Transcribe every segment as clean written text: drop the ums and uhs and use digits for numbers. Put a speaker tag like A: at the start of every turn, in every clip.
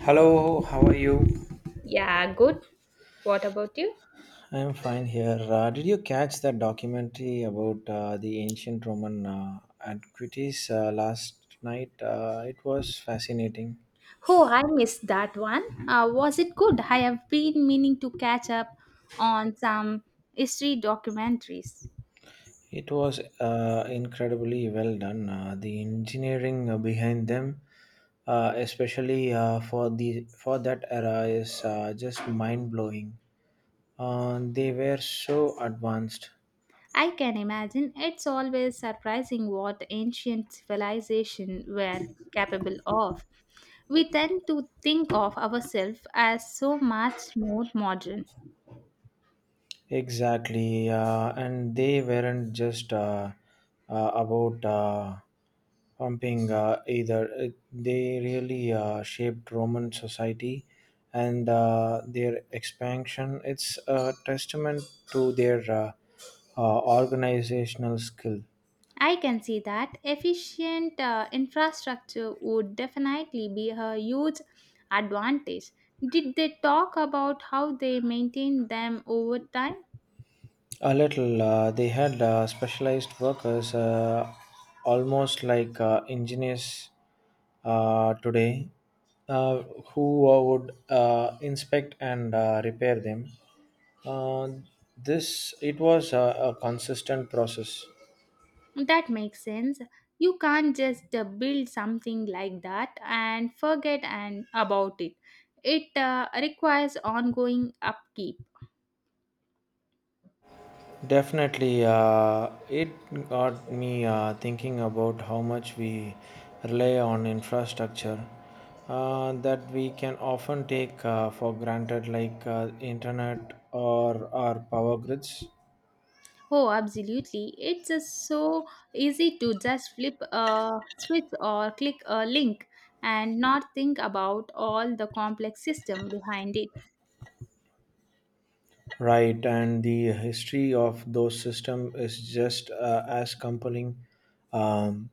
A: Hello, how are you?
B: Yeah, good. What about you?
A: I'm fine here. Did you catch that documentary about the ancient Roman antiquities last night? It was fascinating.
B: Oh, I missed that one. Was it good? I have been meaning to catch up on some history documentaries.
A: It was incredibly well done. The engineering behind them, especially for the for that era, is just mind blowing. They were so advanced.
B: I can imagine it's always surprising what ancient civilizations were capable of. We tend to think of ourselves as so much more modern.
A: Exactly, and they weren't just about pumping either. They really shaped Roman society and their expansion. It's a testament to their organizational skill.
B: I can see that efficient infrastructure would definitely be a huge advantage. Did they talk about how they maintain them over time?
A: A little. They had specialized workers, almost like engineers today, uh, who would inspect and repair them. Uh, this it was a consistent process.
B: That makes sense. You can't just build something like that and forget and about it. It requires ongoing upkeep.
A: Definitely, it got me thinking about how much we rely on infrastructure that we can often take for granted, like internet or our power grids.
B: Oh, absolutely. It's just so easy to just flip a switch or click a link and not think about all the complex system behind it.
A: Right, and the history of those systems is just as compelling. Um,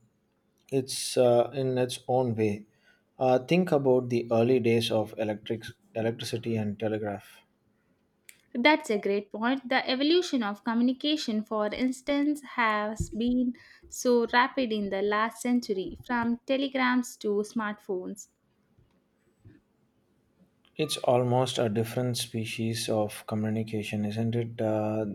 A: it's in its own way. Think about the early days of electricity and telegraph.
B: That's a great point. The evolution of communication, for instance, has been so rapid in the last century, from telegrams to smartphones.
A: It's almost a different species of communication, isn't it? Uh,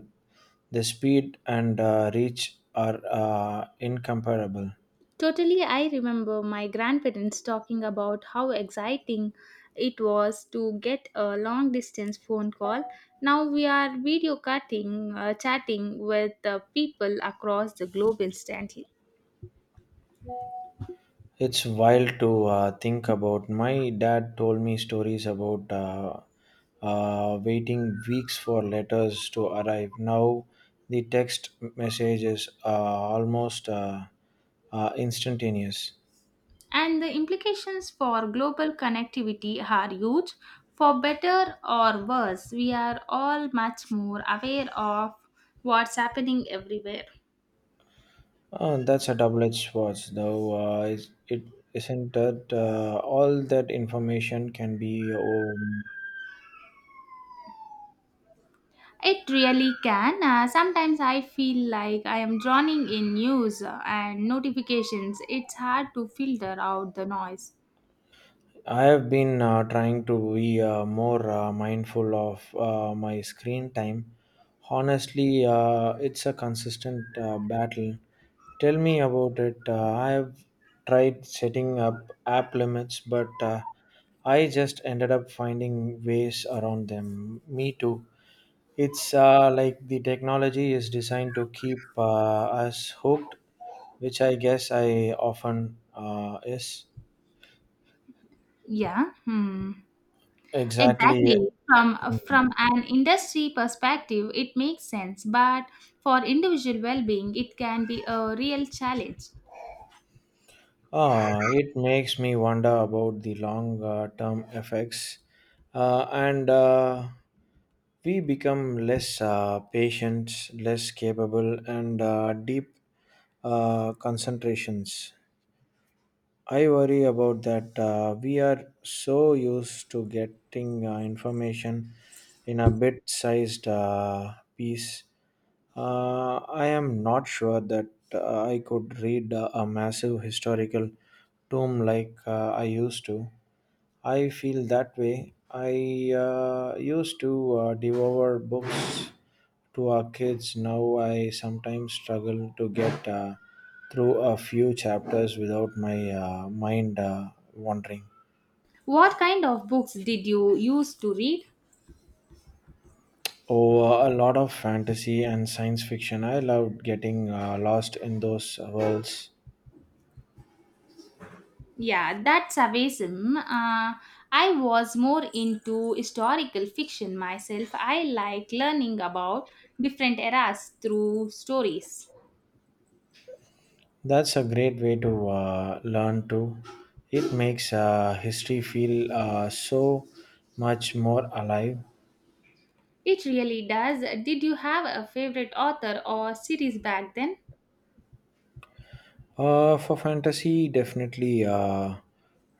A: the speed and reach are incomparable.
B: Totally, I remember my grandparents talking about how exciting it was to get a long distance phone call. Now we are video cutting, chatting with people across the globe instantly.
A: It's wild to think about. My dad told me stories about waiting weeks for letters to arrive. Now the text message is almost instantaneous.
B: And the implications for global connectivity are huge. For better or worse, we are all much more aware of what's happening everywhere.
A: That's a double-edged sword, though. It isn't that all that information can be.
B: It really can. Sometimes I feel like I am drowning in news and notifications. It's hard to filter out the noise.
A: I have been trying to be more mindful of my screen time. Honestly, it's a consistent battle. Tell me about it. I have tried setting up app limits, but I just ended up finding ways around them. Me too. It's like the technology is designed to keep us hooked, which I guess I often is.
B: Yeah, hmm.
A: Exactly.
B: Exactly. From an industry perspective, it makes sense, but for individual well-being, it can be a real challenge.
A: Ah, it makes me wonder about the long term effects. And We become less patient, less capable, and deep concentrations. I worry about that. We are so used to getting information in a bit sized piece. I am not sure that I could read a massive historical tome like I used to. I feel that way. I used to devour books to our kids now I sometimes struggle to get through a few chapters without my mind wandering
B: What kind of books did you used to read?
A: oh a lot of fantasy and science fiction I loved getting lost in those worlds
B: Yeah, that's Savism. I was more into historical fiction myself. I like learning about different eras through stories.
A: that's a great way to learn too it makes history feel so much more alive.
B: It really does. Did you have a favorite author or series back then?
A: For fantasy, definitely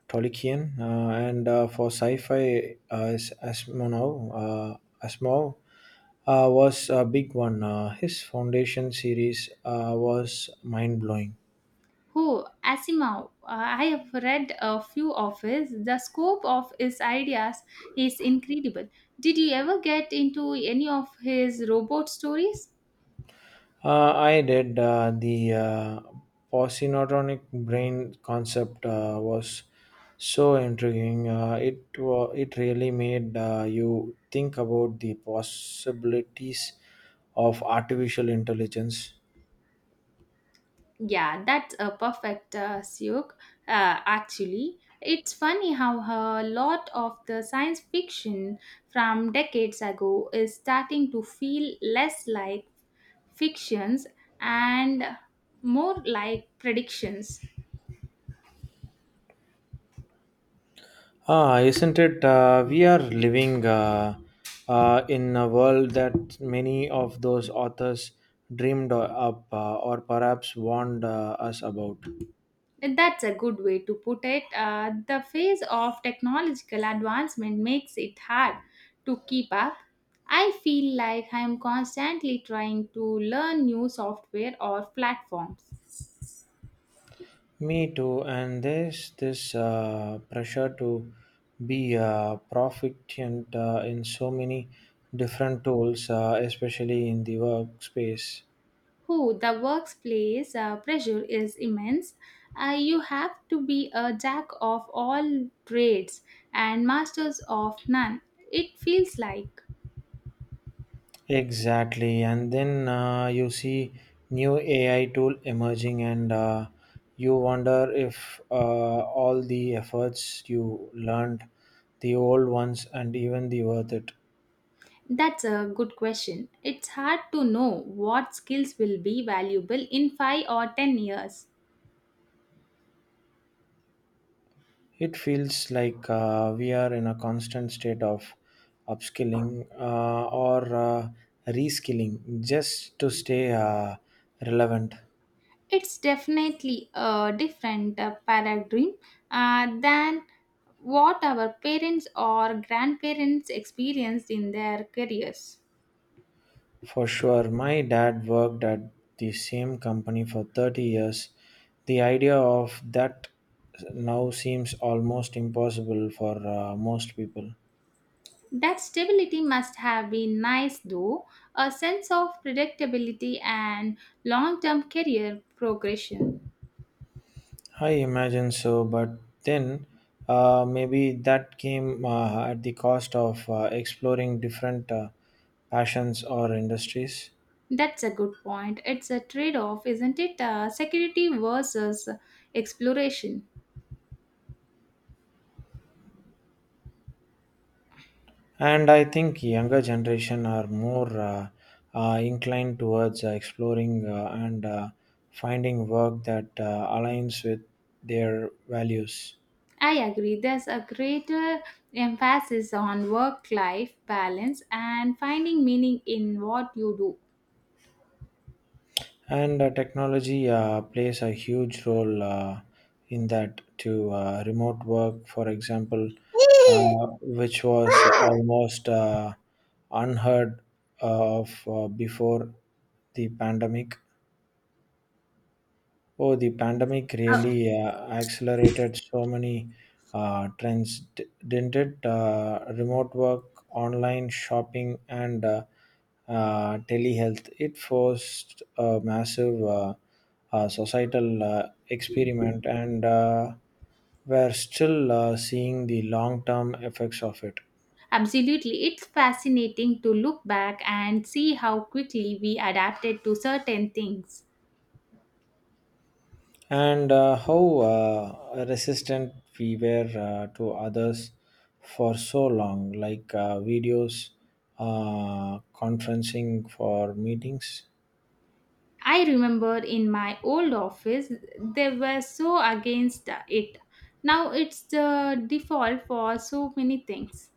A: Tolkien, and for sci-fi, Asimov. Asimov was a big one. His Foundation series was mind-blowing.
B: Who? Asimov. I have read a few of his. The scope of his ideas is incredible. Did you ever get into any of his robot stories?
A: I did. The positonic brain concept was so intriguing. It really made you think about the possibilities of artificial intelligence.
B: Yeah, that's a perfect Siuk. Actually, it's funny how a lot of the science fiction from decades ago is starting to feel less like fictions and more like predictions.
A: Ah, isn't it? We are living in a world that many of those authors dreamed up or perhaps warned us about.
B: That's a good way to put it. The phase of technological advancement makes it hard to keep up. I feel like I'm constantly trying to learn new software or platforms.
A: Me too, and there's this pressure to be proficient in so many different tools, especially in the workspace.
B: Who the workplace pressure is immense. You have to be a jack of all trades and masters of none. It feels like
A: Exactly, and then you see new AI tool emerging, and you wonder if all the efforts you learned, the old ones, and even the worth it.
B: that's a good question. It's hard to know what skills will be valuable in 5 or 10 years.
A: It feels like we are in a constant state of upskilling or reskilling just to stay relevant.
B: It's definitely a different paradigm than what our parents or grandparents experienced in their careers.
A: For sure, my dad worked at the same company for 30 years. The idea of that now seems almost impossible for most people.
B: That stability must have been nice, though, a sense of predictability and long term career progression.
A: I imagine so, but then maybe that came at the cost of exploring different passions or industries.
B: That's a good point. It's a trade off, isn't it? Security versus exploration.
A: And I think younger generation are more inclined towards exploring and finding work that aligns with their values.
B: I agree, there's a greater emphasis on work life balance and finding meaning in what you do.
A: And technology plays a huge role in that to remote work, for example, which was almost unheard of before the pandemic. Oh, the pandemic really accelerated so many trends, didn't it? Remote work, online shopping, and telehealth. It forced a massive societal experiment, and we're still seeing the long term effects of it.
B: Absolutely, it's fascinating to look back and see how quickly we adapted to certain things.
A: And how resistant we were to others for so long, like videos, conferencing for meetings.
B: I remember in my old office, they were so against it. Now it's the default for so many things.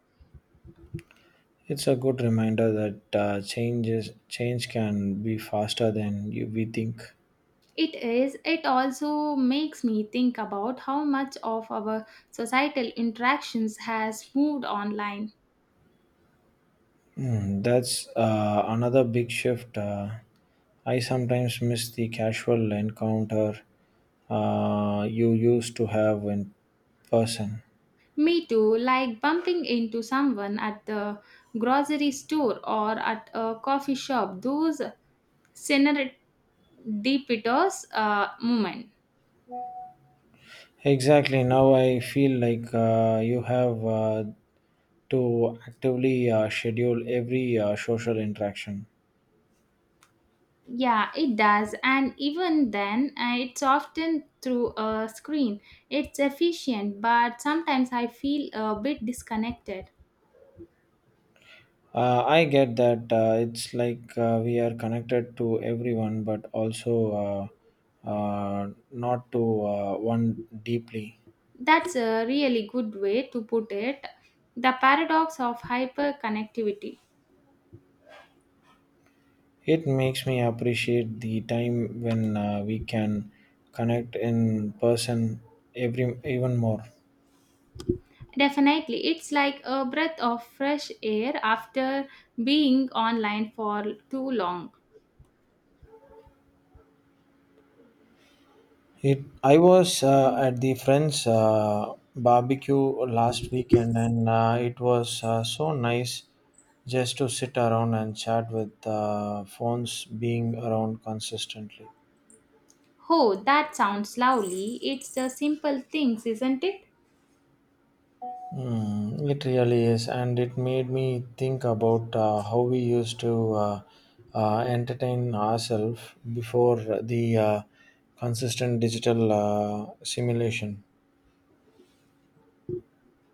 A: It's a good reminder that change can be faster than we think.
B: It is, it also makes me think about how much of our societal interactions has moved online.
A: Hmm, that's another big shift. I sometimes miss the casual encounter you used to have in person.
B: Me too, like bumping into someone at the grocery store or at a coffee shop, those serendipitous moment.
A: Exactly. Now I feel like you have to actively schedule every social interaction.
B: Yeah, it does. And even then, it's often through a screen. It's efficient, but sometimes I feel a bit disconnected.
A: I get that it's like we are connected to everyone, but also not to one deeply.
B: That's a really good way to put it. The paradox of hyperconnectivity.
A: It makes me appreciate the time when we can connect in person every even more.
B: Definitely, it's like a breath of fresh air after being online for too long.
A: I was at the friend's barbecue last weekend, and it was so nice just to sit around and chat with phones being around consistently.
B: Oh, that sounds lovely. It's the simple things, isn't it?
A: Mm, it really is, and it made me think about how we used to entertain ourselves before the consistent digital simulation.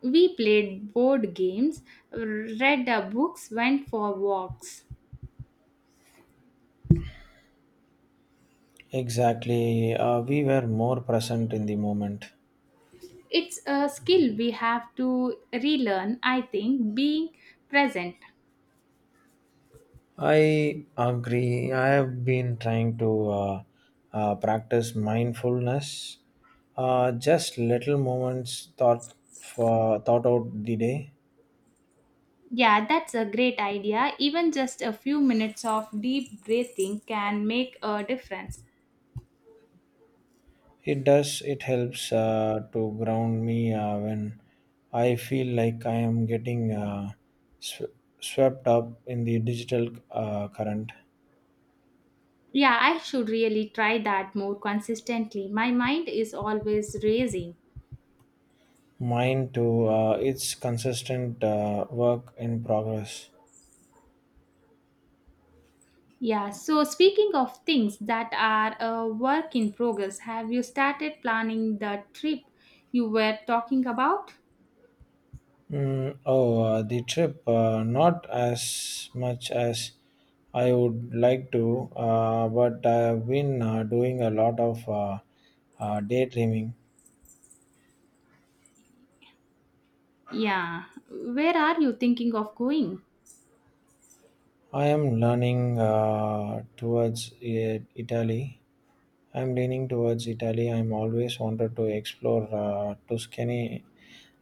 B: We played board games, read our books, went for walks.
A: Exactly, we were more present in the moment.
B: It's a skill we have to relearn, I think, being present.
A: I agree. I have been trying to practice mindfulness, just little moments thought for thought out the day.
B: Yeah, that's a great idea. Even just a few minutes of deep breathing can make a difference.
A: It does. It helps to ground me when I feel like I am getting sw- swept up in the digital current.
B: Yeah, I should really try that more consistently. My mind is always racing.
A: Mind to its consistent work in progress.
B: Yeah, so speaking of things that are a work in progress, have you started planning the trip you were talking about?
A: Mm, oh, the trip, not as much as I would like to, but I've been doing a lot of daydreaming.
B: Yeah, where are you thinking of going?
A: I am learning towards Italy. I'm leaning towards Italy. I'm always wanted to explore Tuscany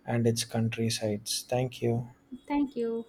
A: and its countrysides. Thank you.
B: Thank you.